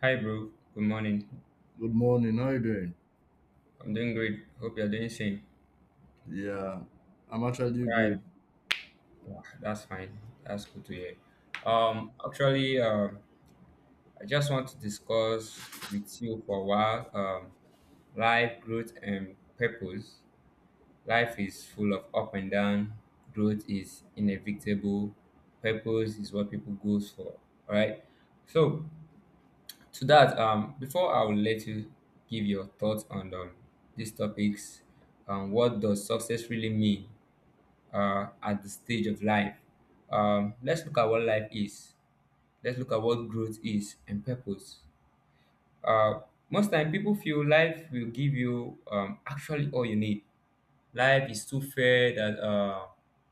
Hi, bro. Good morning. Good morning. How you doing? I'm doing great. Hope you're doing same. Yeah, I'm actually Right. good. Yeah, that's fine. That's good to hear. Um, actually, um, I just want to discuss with you for a while. Life, growth, and purpose. Life is full of up and down. Growth is inevitable. Purpose is what people goes for. All right. So to that, before I will let you give your thoughts on these topics, what does success really mean, at the stage of life? Let's look at what life is. Let's look at what growth is and purpose. Uh, Most time, people feel life will give you actually all you need. Life is too fair that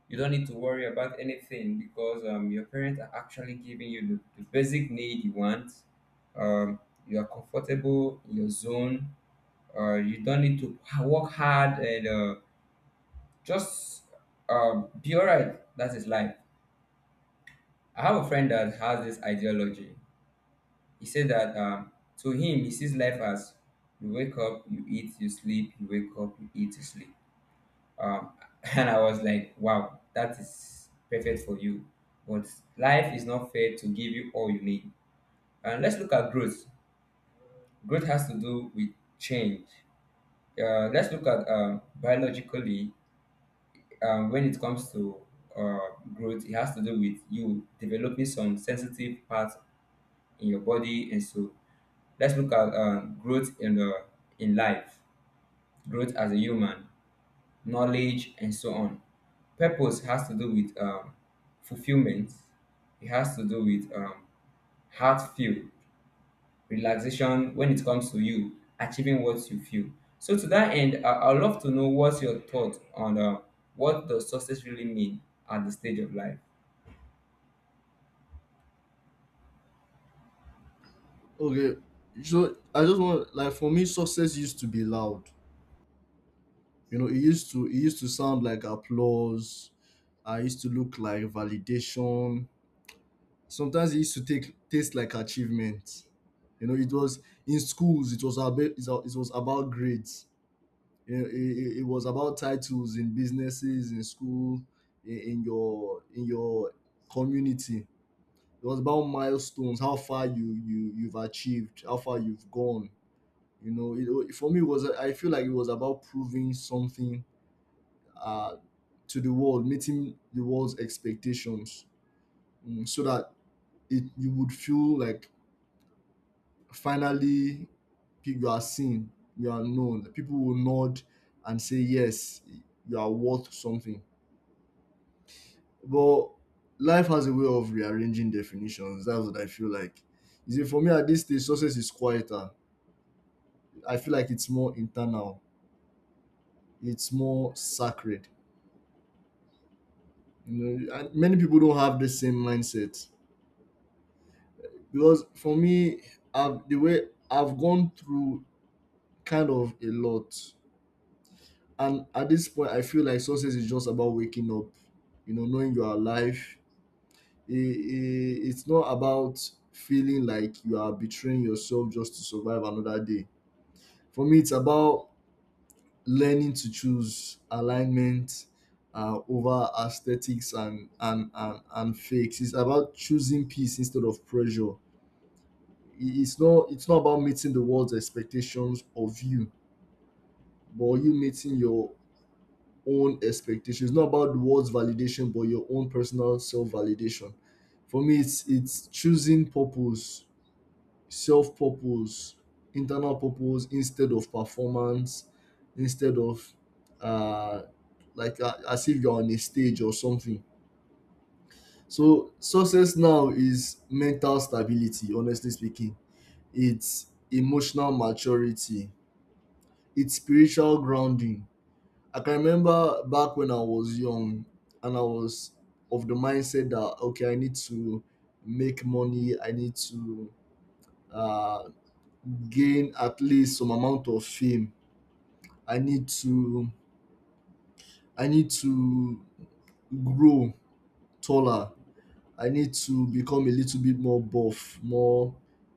you don't need to worry about anything because your parents are actually giving you the basic need you want. Um, you are comfortable in your zone. You don't need to work hard and just be alright. That is life. I have a friend that has this ideology. He said that to him, he sees life as you wake up, you eat, you sleep, you wake up, you eat, you sleep. Um, and I was like, wow, that is perfect for you. But life is not fair to give you all you need. And let's look at growth. Growth has to do with change. Let's look at biologically, when it comes to uh, growth, it has to do with you developing some sensitive parts in your body. And so let's look at growth in the in life, growth as a human, knowledge, and so on. Purpose has to do with fulfillment. It has to do with heart feel, relaxation when it comes to you achieving what you feel. So to that end, I'd love to know what's your thought on what does success really mean at the stage of life. Okay, so I just want like for me, success used to be loud. You know, it used to sound like applause. I used to look like validation. Sometimes it used to take taste like achievement. You know, it was in schools. It was about grades. You know, it was about titles in businesses in school in your community. It was about milestones, how far you've achieved, how far you've gone. You know, for me, it was I feel like it was about proving something uh, to the world, meeting the world's expectations, so that it you would feel like finally, you are seen, you are known. People will nod and say yes, you are worth something. But life has a way of rearranging definitions. That's what I feel like. You see, for me at this stage, success is quieter. I feel like it's more internal, it's more sacred. You know, and many people don't have the same mindset because for me, the way I've gone through kind of a lot, and at this point, I feel like success is just about waking up. You know, knowing you are alive. It's not about feeling like you are betraying yourself just to survive another day. For me, it's about learning to choose alignment over aesthetics and, and fakes. It's about choosing peace instead of pressure. It's not about meeting the world's expectations of you, but you meeting your own expectations. It's not about the world's validation, but your own personal self validation. For me, it's choosing purpose, self purpose, internal purpose instead of performance, instead of uh, like, as if you're on a stage or something. So success now is mental stability, honestly speaking. It's emotional maturity. It's spiritual grounding. I can remember back when I was young and I was of the mindset that okay, I need to make money, I need to uh, gain at least some amount of fame. I need to I need to grow taller. I need to become a little bit more buff, more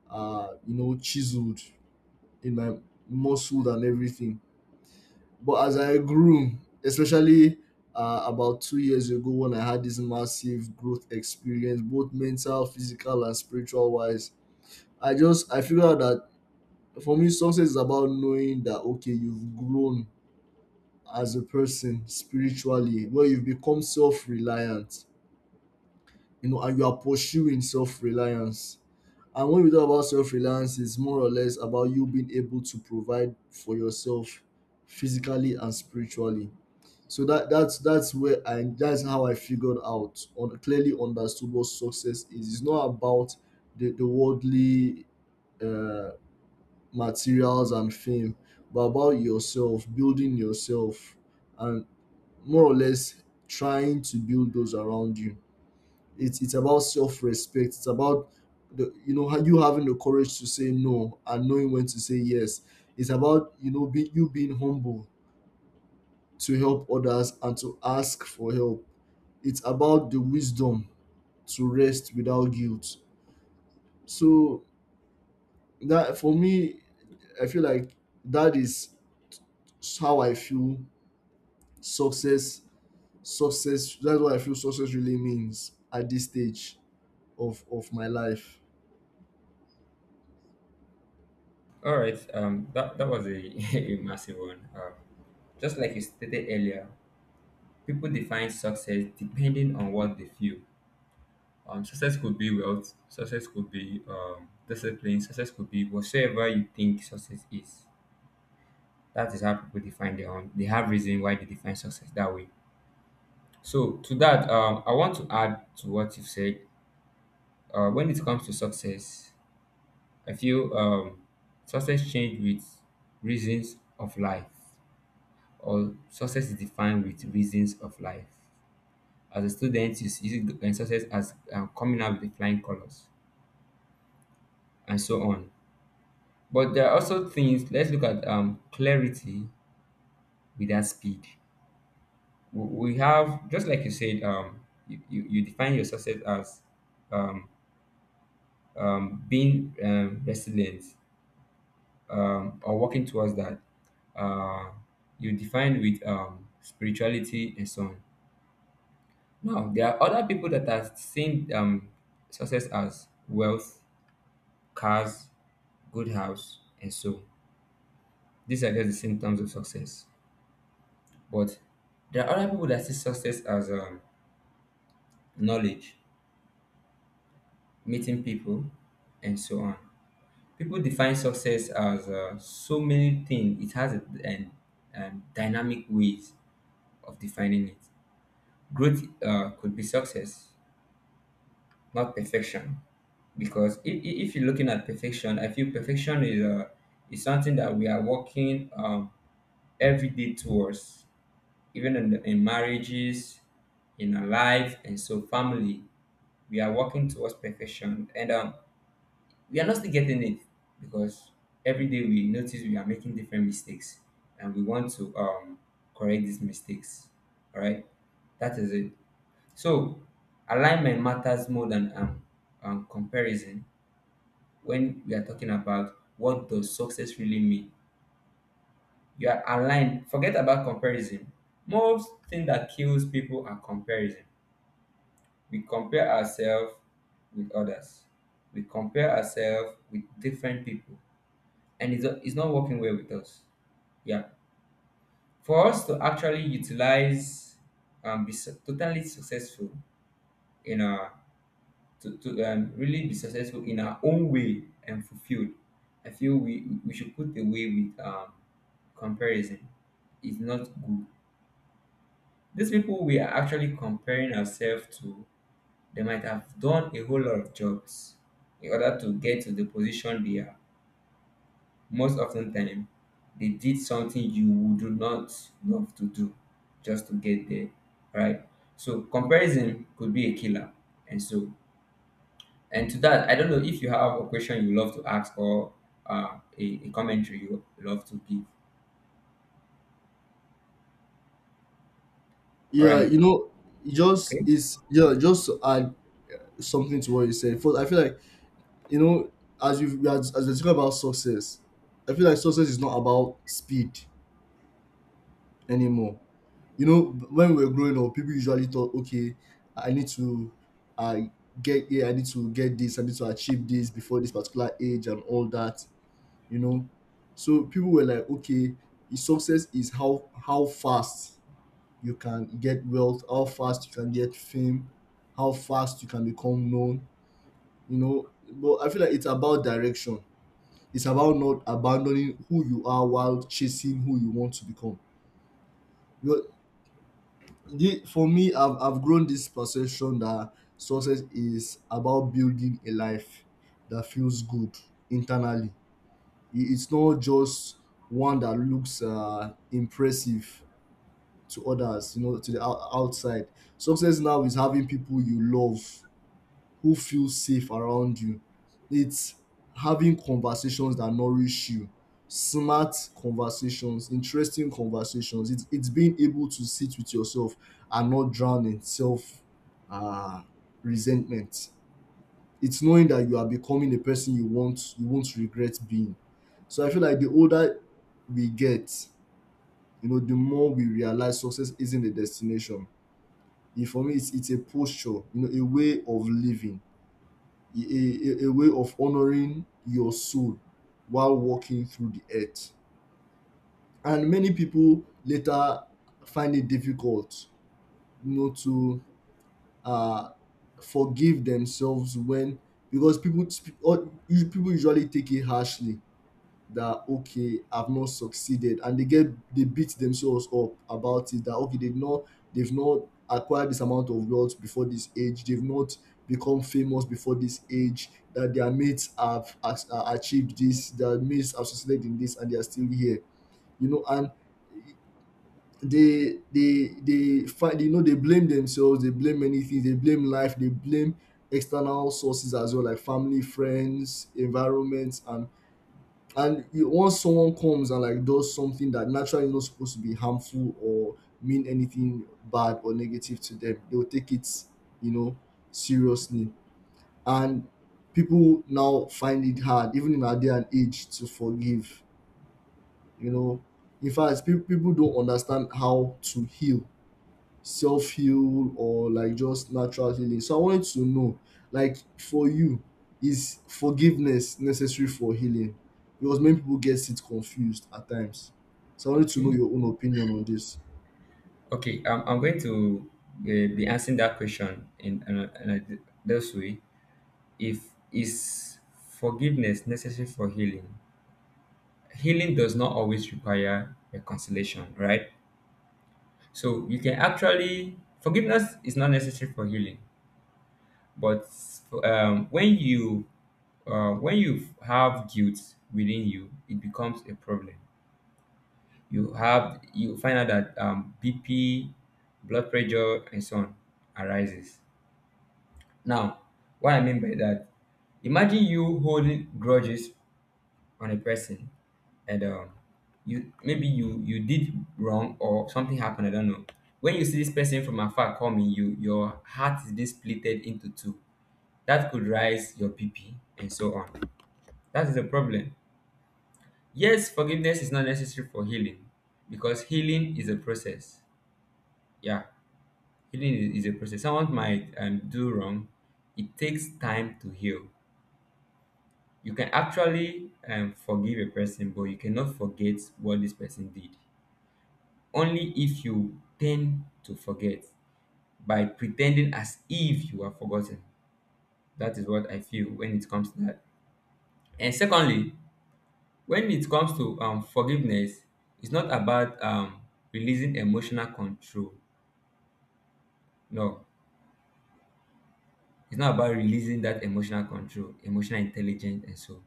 chiseled in my muscle and everything. But as I grew, especially about 2 years ago when I had this massive growth experience, both mental, physical, and spiritual wise, I figured out that for me success is about knowing that okay, you've grown as a person spiritually, where you've become self-reliant. You know, and you are pursuing self-reliance. And when we talk about self-reliance, it's more or less about you being able to provide for yourself physically and spiritually. So that's how I figured out on clearly understood what success is. It's not about the worldly, uh, materials and fame, but about yourself building yourself and more or less trying to build those around you. It's about self-respect. It's about the you know how you having the courage to say no and knowing when to say yes. It's about you being humble to help others and to ask for help. It's about the wisdom to rest without guilt. So that for me, I feel like that is how I feel success. That's what I feel success really means at this stage of of my life. All right, that was a a massive one. Just like you stated earlier, people define success depending on what they feel. Success could be wealth, success could be discipline, success could be whatsoever you think success is. That is how people define their own. They have reason why they define success that way. So to that, I want to add to what you've said. When it comes to success, I feel success change with reasons of life, or success is defined with reasons of life. As a student, you see success as coming out with the flying colors and so on. But there are also things. Let's look at clarity without speed. We have, just like you said, you define your success as um, being resilient, or working towards that. Uh, you define with spirituality and so on. Now, there are other people that are seeing success as wealth, cars, good house, and so these are just the symptoms of success. But there are other people that see success as knowledge, meeting people, and so on. People define success as so many things. It has a, and dynamic ways of defining it. Growth could be success, not perfection. Because if you're looking at perfection, I feel perfection is something that we are working every day towards, even in in marriages, in our life, and so family, we are working towards perfection, and we are not still getting it, because every day we notice we are making different mistakes, and we want to correct these mistakes. All right, that is it. So alignment matters more than comparison when we are talking about what does success really mean. You are aligned. Forget about comparison. Most thing that kills people are comparison. We compare ourselves with others, we compare ourselves with different people, and it's not working well with us, yeah, for us to actually utilize and be totally successful in our to really be successful in our own way and fulfilled. I feel we should put away with comparison. Is not good. These people we are actually comparing ourselves to, they might have done a whole lot of jobs in order to get to the position they are. Most often time, they did something you would not love to do just to get there, right? So comparison could be a killer, and so, and to that, I don't know if you have a question you love to ask or a commentary you love to give. All Yeah, right, you know, okay, just to add something to what you said. First, I feel like, you know, as as we're talking about success, I feel like success is not about speed anymore. You know, when we were growing up, people usually thought, okay, I need to, I get here, I need to get this, I need to achieve this before this particular age and all that. You know, so people were like, okay, success is how fast you can get wealth, how fast you can get fame, how fast you can become known. But I feel like it's about direction. It's about not abandoning who you are while chasing who you want to become. Because, for me, I've grown this perception that success is about building a life that feels good internally. It's not just one that looks impressive to others, to the outside. Success now is having people you love who feel safe around you. It's having conversations that nourish you, smart conversations, interesting conversations. It's being able to sit with yourself and not drown in self, uh, resentment. It's knowing that you are becoming a person you want, you won't regret being. So I feel like the older we get, the more we realize success isn't a destination. For me, it's a posture, a way of living, a way of honoring your soul while walking through the earth. And many people later find it difficult, you know to uh forgive themselves, when because people usually take it harshly, that okay, I've not succeeded, and they beat themselves up about it, that okay, they've not acquired this amount of wealth before this age, they've not become famous before this age, that their mates have achieved this, their mates have succeeded in this, and they are still here. You know, and they find you know they blame themselves, they blame many things, they blame life, they blame external sources as well, like family, friends, environments. And once someone comes and like does something that naturally not supposed to be harmful or mean anything bad or negative to them, they will take it you know seriously. And people now find it hard, even in our day and age, to forgive you know in fact, people don't understand how to heal, self heal, or like just natural healing. So I wanted to know, like for you, is forgiveness necessary for healing? Because many people get it confused at times. So I wanted to know okay, your own opinion on this. okay. I'm going to be answering that question in, in a this way. If is forgiveness necessary for healing? Healing does not always require reconciliation, right? So you can actually forgiveness is not necessary for healing. But um, when you when you have guilt within you, it becomes a problem. You have, you find out that BP, blood pressure and so on arises. Now, what I mean by that, imagine you holding grudges on a person, and you maybe you you did wrong or something happened. I don't know. When you see this person from afar coming, you your heart is being splitted into two. That could rise your BP and so on. That is a problem. Yes, forgiveness is not necessary for healing because healing is a process. Yeah, healing is a process. Someone might do wrong. It takes time to heal. You can actually forgive a person, but you cannot forget what this person did. Only if you tend to forget by pretending as if you are forgotten. That is what I feel when it comes to that. And secondly, when it comes to forgiveness, it's not about releasing emotional control. No, it's not about releasing that emotional control, emotional intelligence, and so.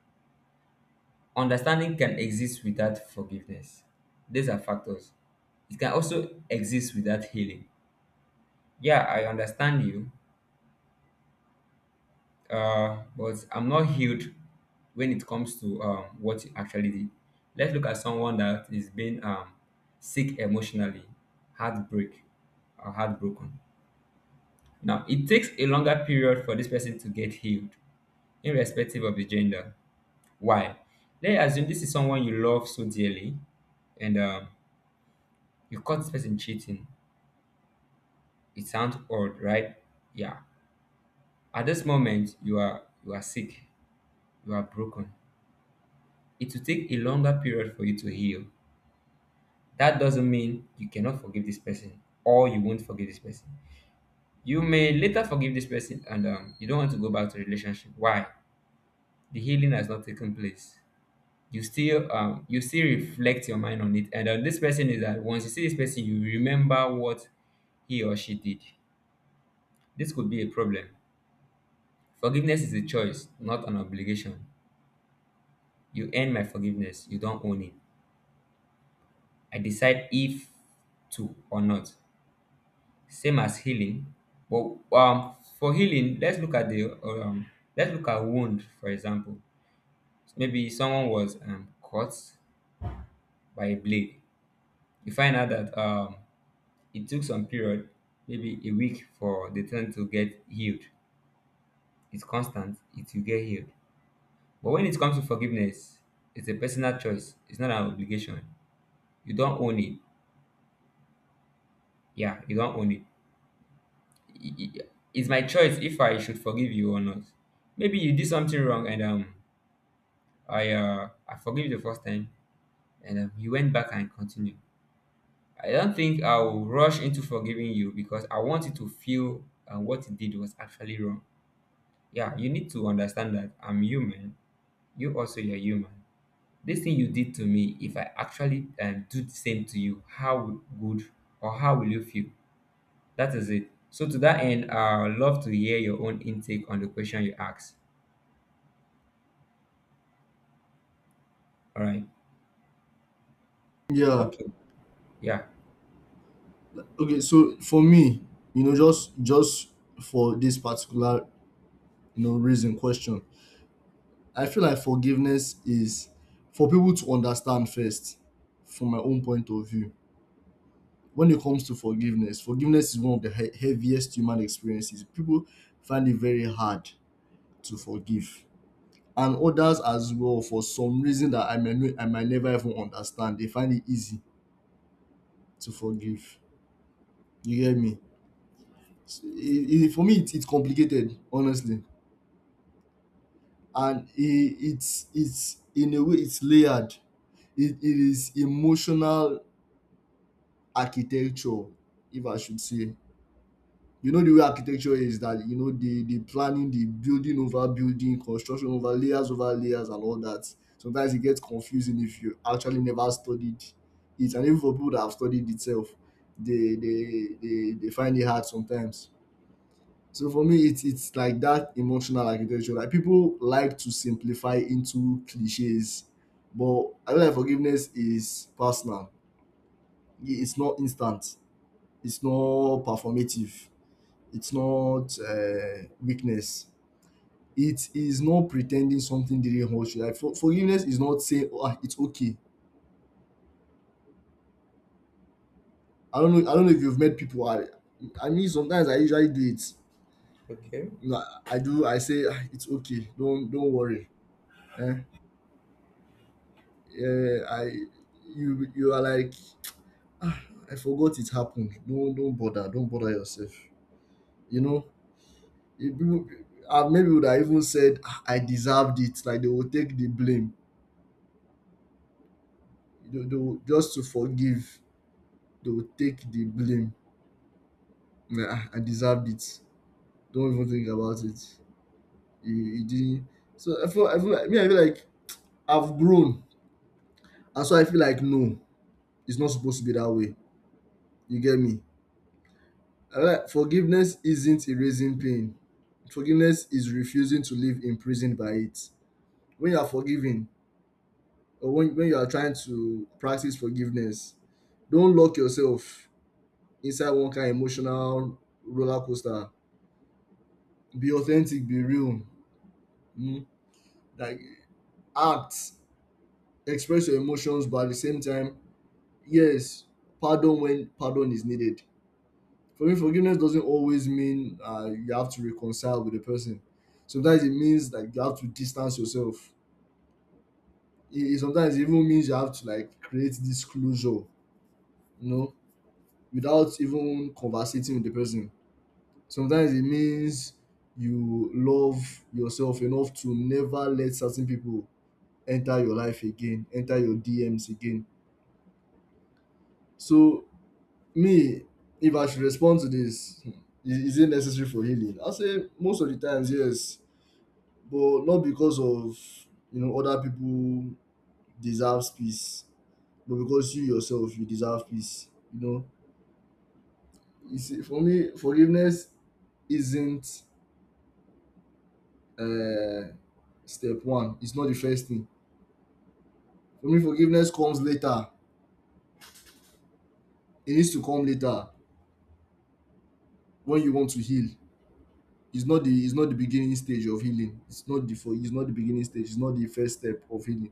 Understanding can exist without forgiveness. These are factors. It can also exist without healing. Yeah, I understand you, but I'm not healed when it comes to what you actually did. Let's look at someone that is being sick emotionally, heartbreak, or heartbroken. Now, it takes a longer period for this person to get healed, irrespective of the gender. Why? Let's assume this is someone you love so dearly, and you caught this person cheating. It sounds odd, right? Yeah. At this moment, you are sick, you are broken, it will take a longer period for you to heal. That doesn't mean you cannot forgive this person or you won't forgive this person. You may later forgive this person and you don't want to go back to the relationship. Why? The healing has not taken place. You still reflect your mind on it. And this person is that once you see this person, you remember what he or she did. This could be a problem. Forgiveness is a choice, not an obligation. You earn my forgiveness, you don't own it. I decide if to or not. Same as healing. But for healing, let's look at the let's look at wound, for example. Maybe someone was cut by a blade. You find out that it took some period, maybe a week, for the thing to get healed. It's constant; it will get healed. But when it comes to forgiveness, it's a personal choice. It's not an obligation. You don't own it. Yeah, you don't own it. I- I- It's my choice if I should forgive you or not. Maybe you did something wrong and I forgive you the first time, and you went back and continued. I don't think I'll rush into forgiving you because I want you to feel what you did was actually wrong. Yeah, you need to understand that I'm human. You also you're human. This thing you did to me, if I actually do the same to you, how good or how will you feel? That is it. So to that end, I'd love to hear your own intake on the question you asked. All right. Yeah. Okay. Yeah. Okay. So for me, just for this particular, you know reason question, I feel like forgiveness is for people to understand first, from my own point of view. When it comes to forgiveness, forgiveness is one of the heaviest human experiences. People find it very hard to forgive, and others as well, for some reason that I may no- I might never even understand. They find it easy to forgive. You get me? For me, it's complicated, honestly, and it's in a way it's layered. It is emotional architecture, if I should say. You know the way architecture is, that the planning, the building, over building construction, over layers, over layers, and all that. Sometimes it gets confusing if you actually never studied it, and even for people that have studied itself, they find it hard sometimes. So for me, it's like that emotional architecture. Like, people like to simplify into cliches, but I feel like forgiveness is personal. It's not instant, it's not performative, it's not, weakness. It is not pretending something didn't hurt you. Like, forgiveness is not saying, "Oh, ah, it's okay." I don't know. I don't know if you've met people. I mean, sometimes I usually do it. Okay. You know, I do. I say, "Ah, it's okay. Don't worry." Eh? Yeah, I you you are like, "Ah, I forgot it happened. Don't bother. Don't bother yourself." You know, if people, I've met people that even said, "Ah, I deserved it." Like, they will take the blame. Just to forgive, they will take the blame. Like, "Ah, I deserved it. Don't even think about it. You didn't. So I feel like me, I feel like I've grown. And so I feel like no, it's not supposed to be that way. You get me? I feel like forgiveness isn't erasing pain. Forgiveness is refusing to live imprisoned by it. When you are forgiving, or when you are trying to practice forgiveness, don't lock yourself inside one kind of emotional roller coaster. Be authentic, be real. Mm? Like, act express your emotions, but at the same time, yes, pardon when pardon is needed. For me, forgiveness doesn't always mean, you have to reconcile with the person. Sometimes it means that you have to distance yourself. It sometimes even means you have to, like, create this closure, know without even conversating with the person. Sometimes it means you love yourself enough to never let certain people enter your life again, enter your dms again. So, me, if I should respond to this, is it necessary for healing? I say most of the times, yes, but not because of other people deserves peace, but because you yourself you deserve peace. You know, you see, for me, forgiveness isn't uh, step one. It's not the first thing. For me, forgiveness comes later. It needs to come later when you want to heal. It's not the beginning stage of healing. It's not the beginning stage. It's not the first step of healing.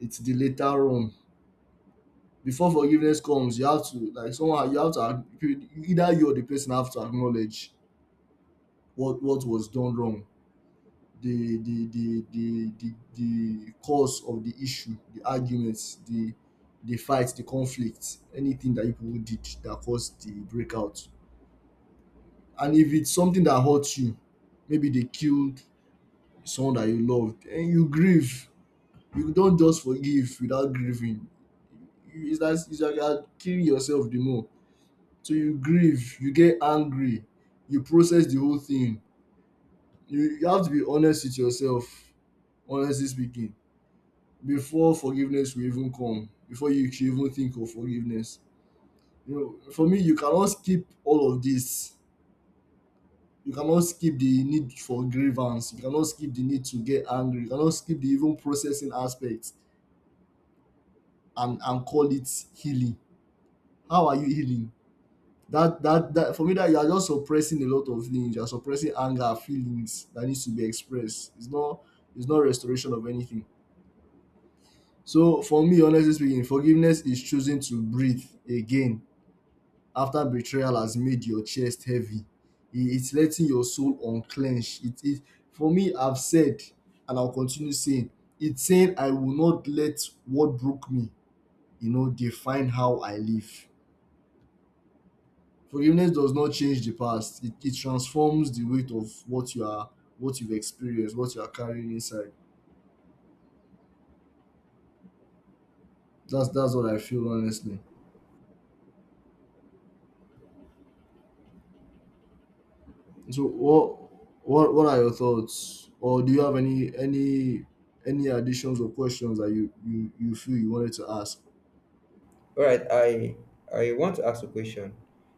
It's the later on. Before forgiveness comes, you have to like someone. You have to either you or the person have to acknowledge what was done wrong, the cause of the issue, the arguments, the fight, the conflict, anything that you people did that caused the breakout. And if it's something that hurts you, maybe they killed someone that you loved and you grieve. You don't just forgive without grieving. It's like you are killing yourself the more. So you grieve, you get angry, you process the whole thing. You have to be honest with yourself, honestly speaking, before forgiveness will even come, before you should even think of forgiveness. You know, for me, you cannot skip all of this. You cannot skip the need for grievance. You cannot skip the need to get angry. You cannot skip the even processing aspect and call it healing. How are you healing? That for me, that you are just suppressing a lot of things. You are suppressing anger, feelings that needs to be expressed. It's not restoration of anything. So for me, honestly speaking, forgiveness is choosing to breathe again after betrayal has made your chest heavy. It's letting your soul unclench. It is for me. I've said, and I'll continue saying, it's saying I will not let what broke me, you know, define how I live. Forgiveness does not change the past. It transforms the weight of what you are, what you've experienced, what you are carrying inside. That's what I feel honestly. So what are your thoughts, or do you have any any additions or questions that you feel you wanted to ask? All right, I want to ask a question.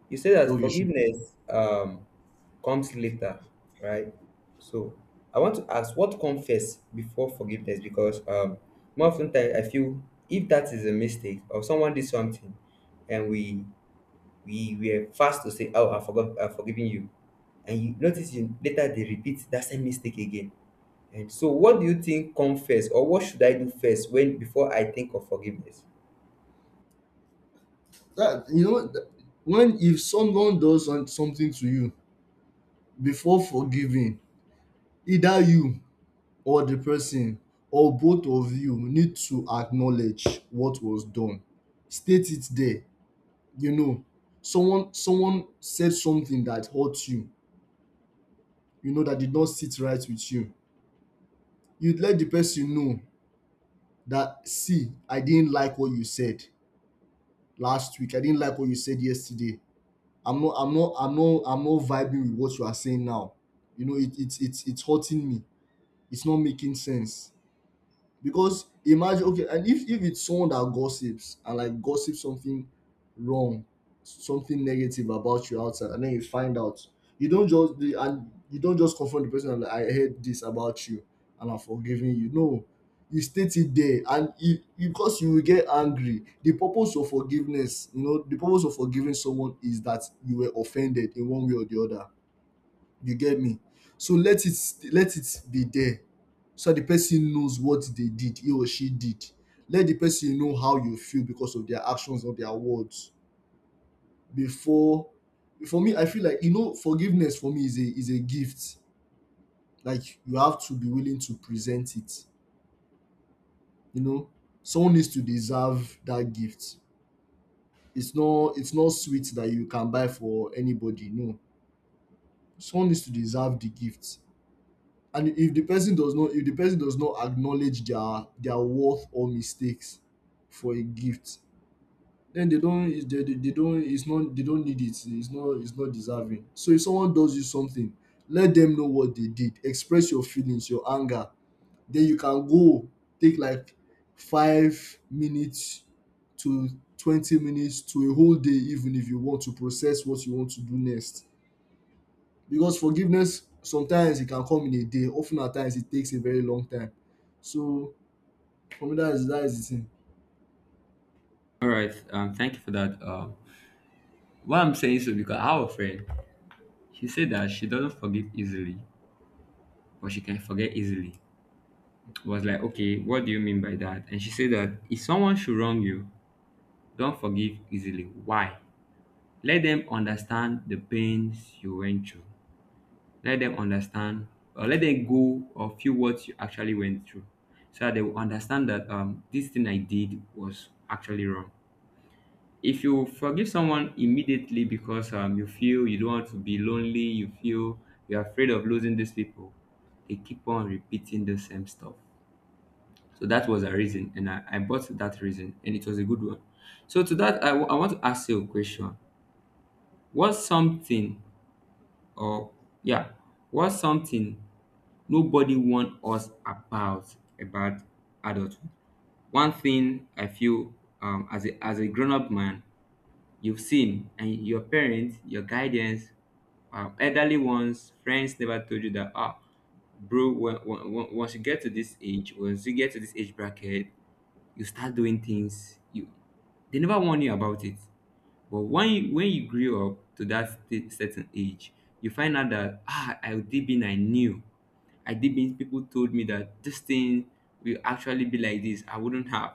You say that Okay, shoot. forgiveness comes later, right? So I want to ask what comes first before forgiveness, because more often time I feel if that is a mistake or someone did something and we were fast to say, "Oh, I forgot, I've forgiven you," and you notice you later they repeat that same mistake again. And so what do you think comes first, or what should I do first when before I think of forgiveness? That You know what, when if someone does something to you before forgiving, either you or the person or both of you need to acknowledge what was done. State it there. You know, someone said something that hurt you, you know, that did not sit right with you. You'd let the person know that, see, I didn't like what you said last week. I didn't like what you said yesterday. I'm not vibing with what you are saying now. You know, it's it's hurting me. It's not making sense. Because imagine, okay, and if it's someone that gossips and like gossips something wrong, something negative about you outside, and then you find out, you don't just the and you don't just confront the person and like, I heard this about you and I'm forgiving you. No, you state it there, and because you will get angry. The purpose of forgiveness, you know, the purpose of forgiving someone is that you were offended in one way or the other. You get me? So let it be there. So the person knows what they did, he or she did. Let the person know how you feel because of their actions or their words. Before for me, I feel like, you know, forgiveness for me is a gift. Like, you have to be willing to present it. You know, someone needs to deserve that gift. It's not sweet that you can buy for anybody. No. Someone needs to deserve the gift. And if the person does not acknowledge their worth or mistakes for a gift, then they don't it's not they don't need it. It's not deserving. So if someone does you something, let them know what they did, express your feelings, your anger, then you can go take like 5 minutes to 20 minutes to a whole day even, if you want to process what you want to do next. Because forgiveness, sometimes it can come in a day, often at times it takes a very long time. So for me, that is the thing. All right. Thank you for that. Why I'm saying so because I have a friend. She said that she doesn't forgive easily, but she can forget easily. I was like, okay, what do you mean by that? And she said that if someone should wrong you, don't forgive easily. Why? Let them understand the pains you went through. Let them understand or let them go or feel what you actually went through. So that they will understand that this thing I did was actually wrong. If you forgive someone immediately because you feel you don't want to be lonely, you feel you're afraid of losing these people, they keep on repeating the same stuff. So that was a reason, and I bought that reason and it was a good one. So to that, I want to ask you a question. What's something, or yeah, what's something nobody warned us about adulthood? One thing I feel, as a grown-up man, you've seen and your parents, your guidance, elderly ones, friends never told you that, ah, bro, once you get to this age, once you get to this age bracket, you start doing things you, they never warn you about it. But when you grew up to that certain age, you find out that, ah, I did mean, I knew, I did mean, people told me that this thing will actually be like this, I wouldn't have.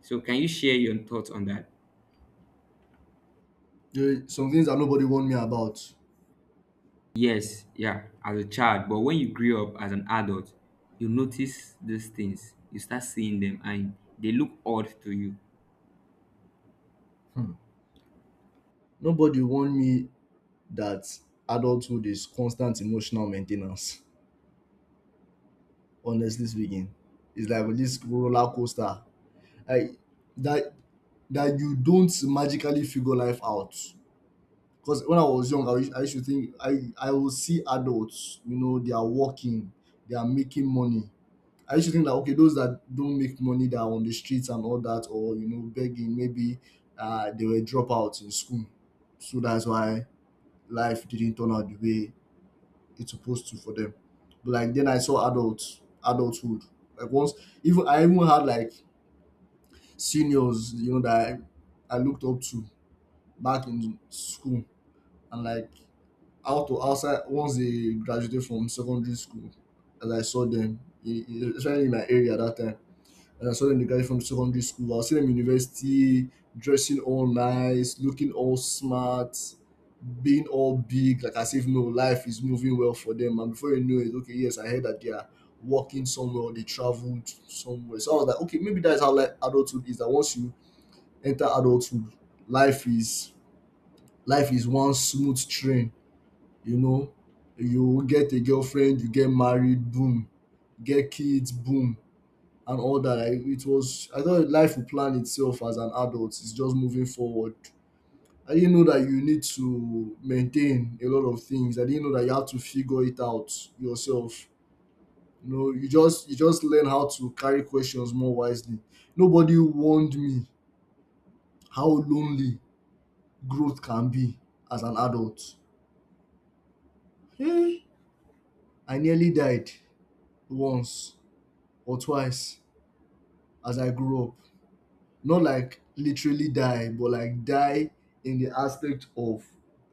So can you share your thoughts on that? There are some things that nobody warned me about. Yes, yeah, as a child, but when you grew up as an adult, you notice these things, you start seeing them, and they look odd to you. Hmm. Nobody warned me that adulthood is constant emotional maintenance. Ten ance Honestly speaking, it's like this roller coaster, like that, that you don't magically figure life out. Because when I was young, I used to think I will see adults, you know, they are working, they are making money. I used to think that, okay, those that don't make money that are on the streets and all that, or you know, begging, maybe they were dropouts in school, so that's why life didn't turn out the way it's supposed to for them. But like then I saw adults, adulthood. Like once, even I even had like seniors, you know, that I looked up to back in school, and like outside, once they graduated from secondary school, as I saw them, especially in my area that time. And I saw them, the guys from secondary school. I see them university, dressing all nice, looking all smart, being all big, like as if no life is moving well for them. And before you know it, okay, yes, I heard that they are working somewhere, or they traveled somewhere. So I was like, okay, maybe that's how like adulthood is. That once you enter adulthood, life is life is one smooth train. You know, you get a girlfriend, you get married, boom, get kids, boom, and all that. It was, I thought life would plan itself as an adult. It's just moving forward. I didn't know that you need to maintain a lot of things. I didn't know that you have to figure it out yourself. You know, you just learn how to carry questions more wisely. Nobody warned me how lonely growth can be as an adult. Eh, I nearly died once or twice as I grew up. Not like literally die, but like die in the aspect of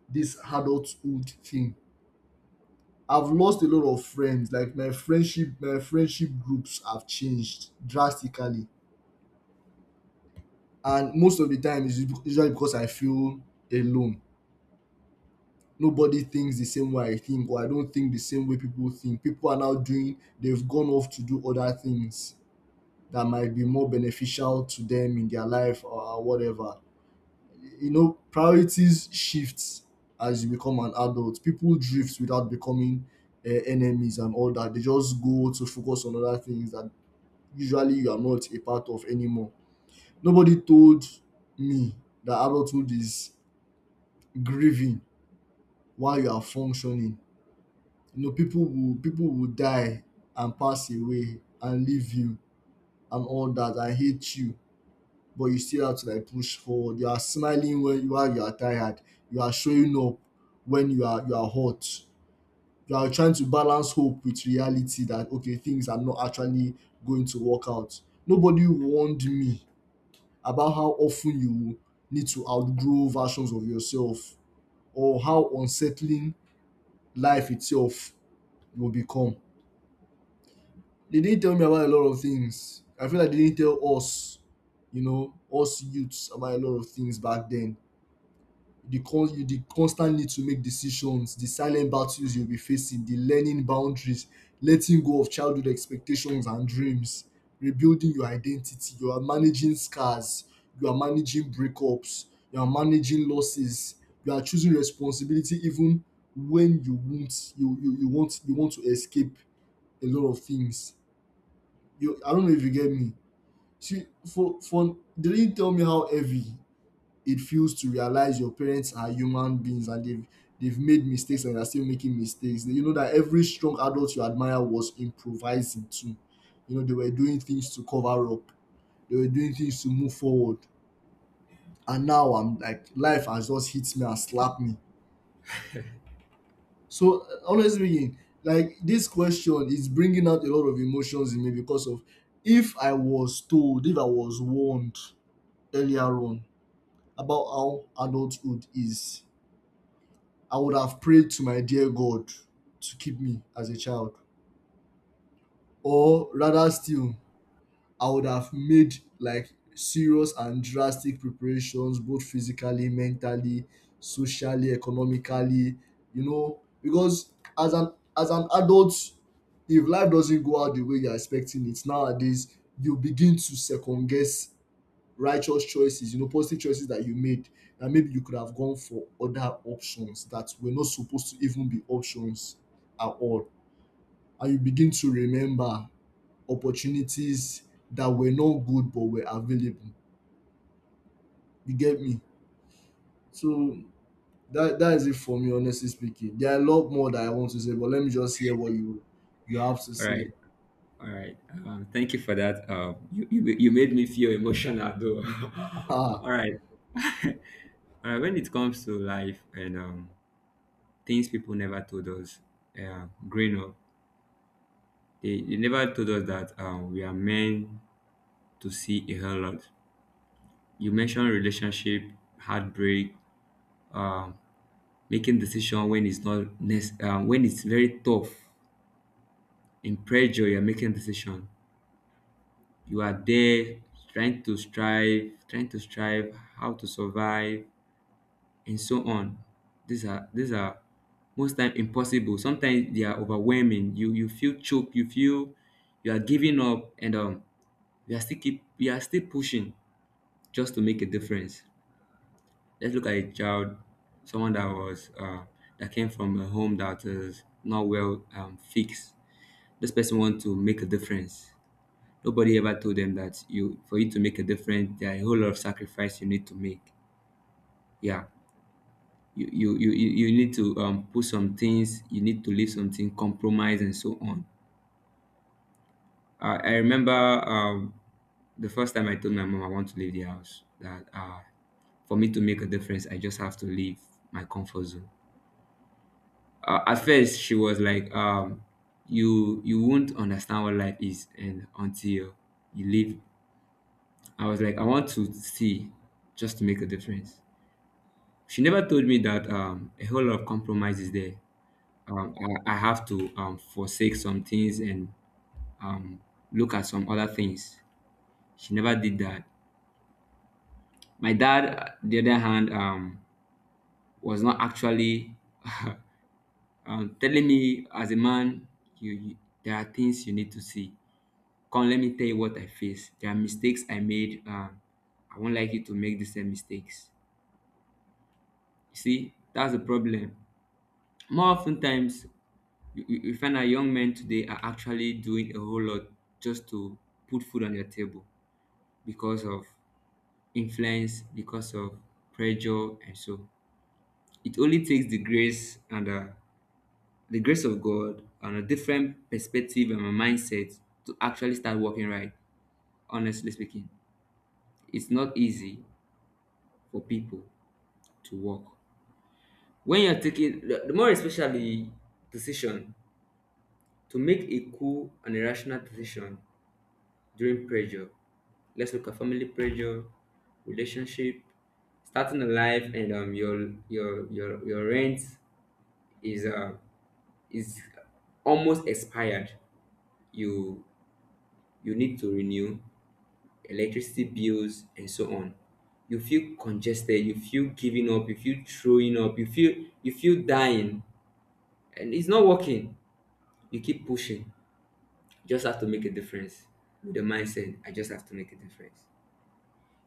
this adulthood thing. I've lost a lot of friends. Like my friendship groups have changed drastically, and most of the time it's usually because I feel alone. Nobody thinks the same way I think, or I don't think the same way people think. People are now doing; they've gone off to do other things that might be more beneficial to them in their life or whatever. You know, priorities shifts as you become an adult. People drift without becoming enemies and all that. They just go to focus on other things that usually you are not a part of anymore. Nobody told me that adulthood is grieving while you are functioning. You know, people will die and pass away and leave you and all that. I hate you. But you still have to like push forward. You are smiling when you are tired. You are showing up when you are hot. You are trying to balance hope with reality, that okay, things are not actually going to work out. Nobody warned me about how often you need to outgrow versions of yourself, or how unsettling life itself will become. They didn't tell me about a lot of things. I feel like they didn't tell us, you know, us youths about a lot of things back then, the con- you the constant need to make decisions, the silent battles you'll be facing, the learning boundaries, letting go of childhood expectations and dreams, rebuilding your identity. You are managing scars, you are managing breakups, you are managing losses, you are choosing responsibility even when you want, you want to escape a lot of things. You, I don't know if you get me. See for they didn't tell me how heavy it feels to realize your parents are human beings and they've made mistakes and are still making mistakes. You know that every strong adult you admire was improvising too. You know, they were doing things to cover up. They were doing things to move forward. And now I'm like life has just hit me and slapped me. So honestly, speaking, like this question is bringing out a lot of emotions in me because of, if I was told, if I was warned earlier on about how adulthood is, I would have prayed to my dear God to keep me as a child. Or rather still, I would have made like serious and drastic preparations both physically, mentally, socially, economically, you know, because as an adult, if life doesn't go out the way you're expecting it nowadays, you begin to second guess righteous choices, you know, positive choices that you made, and maybe you could have gone for other options that were not supposed to even be options at all. And you begin to remember opportunities that were not good but were available. You get me? So that is it for me, honestly speaking. There are a lot more that I want to say, but let me just hear what you have to All right, say. all right. Thank you for that. You, you made me feel emotional though. All right. All right. When it comes to life and things people never told us, growing up, they never told us that we are meant to see a whole lot. You mentioned relationship, heartbreak, um, making decision when it's not nec- when it's very tough in pressure, you're making decision, you are there trying to strive how to survive and so on. These are most time impossible, sometimes they are overwhelming, you feel choked, you feel you are giving up, and you are still pushing just to make a difference. Let's look at a child, someone that was that came from a home that is not well fixed. This person want to make a difference. Nobody ever told them that, you, for you to make a difference, there are a whole lot of sacrifice you need to make. Yeah. You need to put some things, you need to leave something, compromise and so on. I remember the first time I told my mom I want to leave the house, that for me to make a difference, I just have to leave my comfort zone. At first, she was like, "You, you won't understand what life is, and until you leave," I was like, I want to see just to make a difference. She never told me that, a whole lot of compromise is there. Um, I have to forsake some things and um, look at some other things. She never did that. My dad, the other hand, was not actually telling me as a man, you, there are things you need to see. Come, let me tell you what I face. There are mistakes I made. I won't like you to make the same mistakes. You see, that's the problem. More often times, you find that young men today are actually doing a whole lot just to put food on your table because of influence, because of pressure, and so it only takes the grace and the grace of God, and a different perspective and a mindset to actually start working right. Honestly speaking, it's not easy for people to work when you're taking the more especially decision, to make a cool and a rational decision during pressure. Let's look at family pressure, relationship, starting a life, and your your rent is uh is almost expired. You you need to renew, electricity bills and so on. You feel congested. You feel giving up. You feel throwing up. You feel, you feel dying, and it's not working. You keep pushing. You just have to make a difference with the mindset, I just have to make a difference.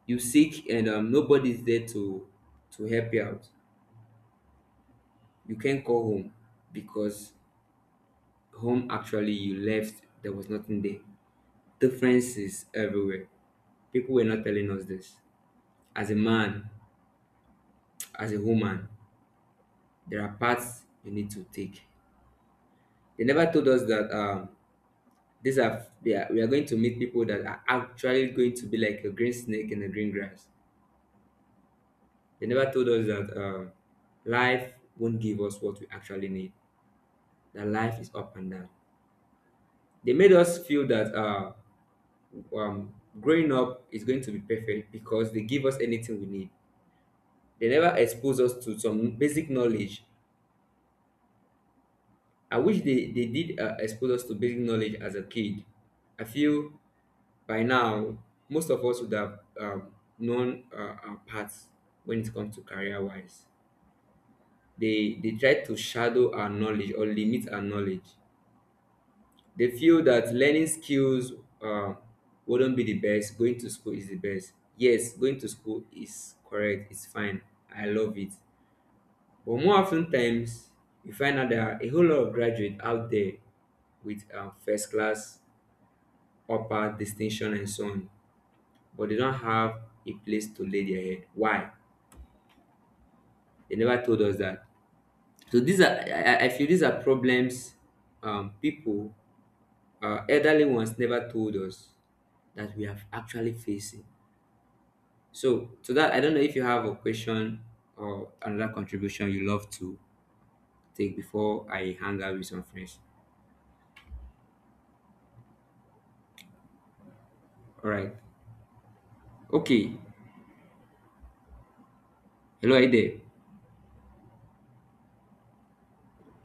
You sick and nobody's there to help you out. You can't call home because home, actually you left, there was nothing there. Differences everywhere. People were not telling us this. As a man, as a woman, there are paths you need to take. They never told us that, these are they are, we are going to meet people that are actually going to be like a green snake in the green grass. They never told us that, life won't give us what we actually need, that life is up and down. They made us feel that, um, growing up is going to be perfect because they give us anything we need. They never expose us to some basic knowledge. I wish they did expose us to basic knowledge as a kid. I feel by now, most of us would have known our paths when it comes to career wise. They try to shadow our knowledge or limit our knowledge. They feel that learning skills um, wouldn't be the best. Going to school is the best. Yes, going to school is correct. It's fine. I love it. But more often times, you find out there are a whole lot of graduates out there with first class, upper distinction, and so on. But they don't have a place to lay their head. Why? They never told us that. So these are, I feel these are problems people, elderly ones never told us that we have actually facing. So to that, I don't know if you have a question or another contribution you love to take before I hang out with some friends. All right. Okay. Hello, are you there?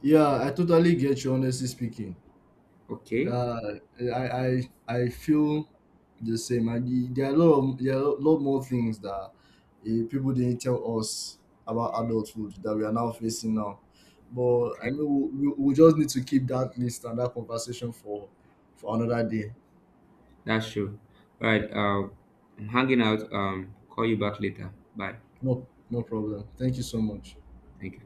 Yeah, I totally get you, honestly speaking. Okay. Uh, I feel the same. There are a lot of, there are a lot more things that people didn't tell us about adulthood that we are now facing now. But I Okay. mean, we we just need to keep that list and that conversation for another day. That's true. All right. I'm hanging out. Call you back later. Bye. No, no problem. Thank you so much. Thank you.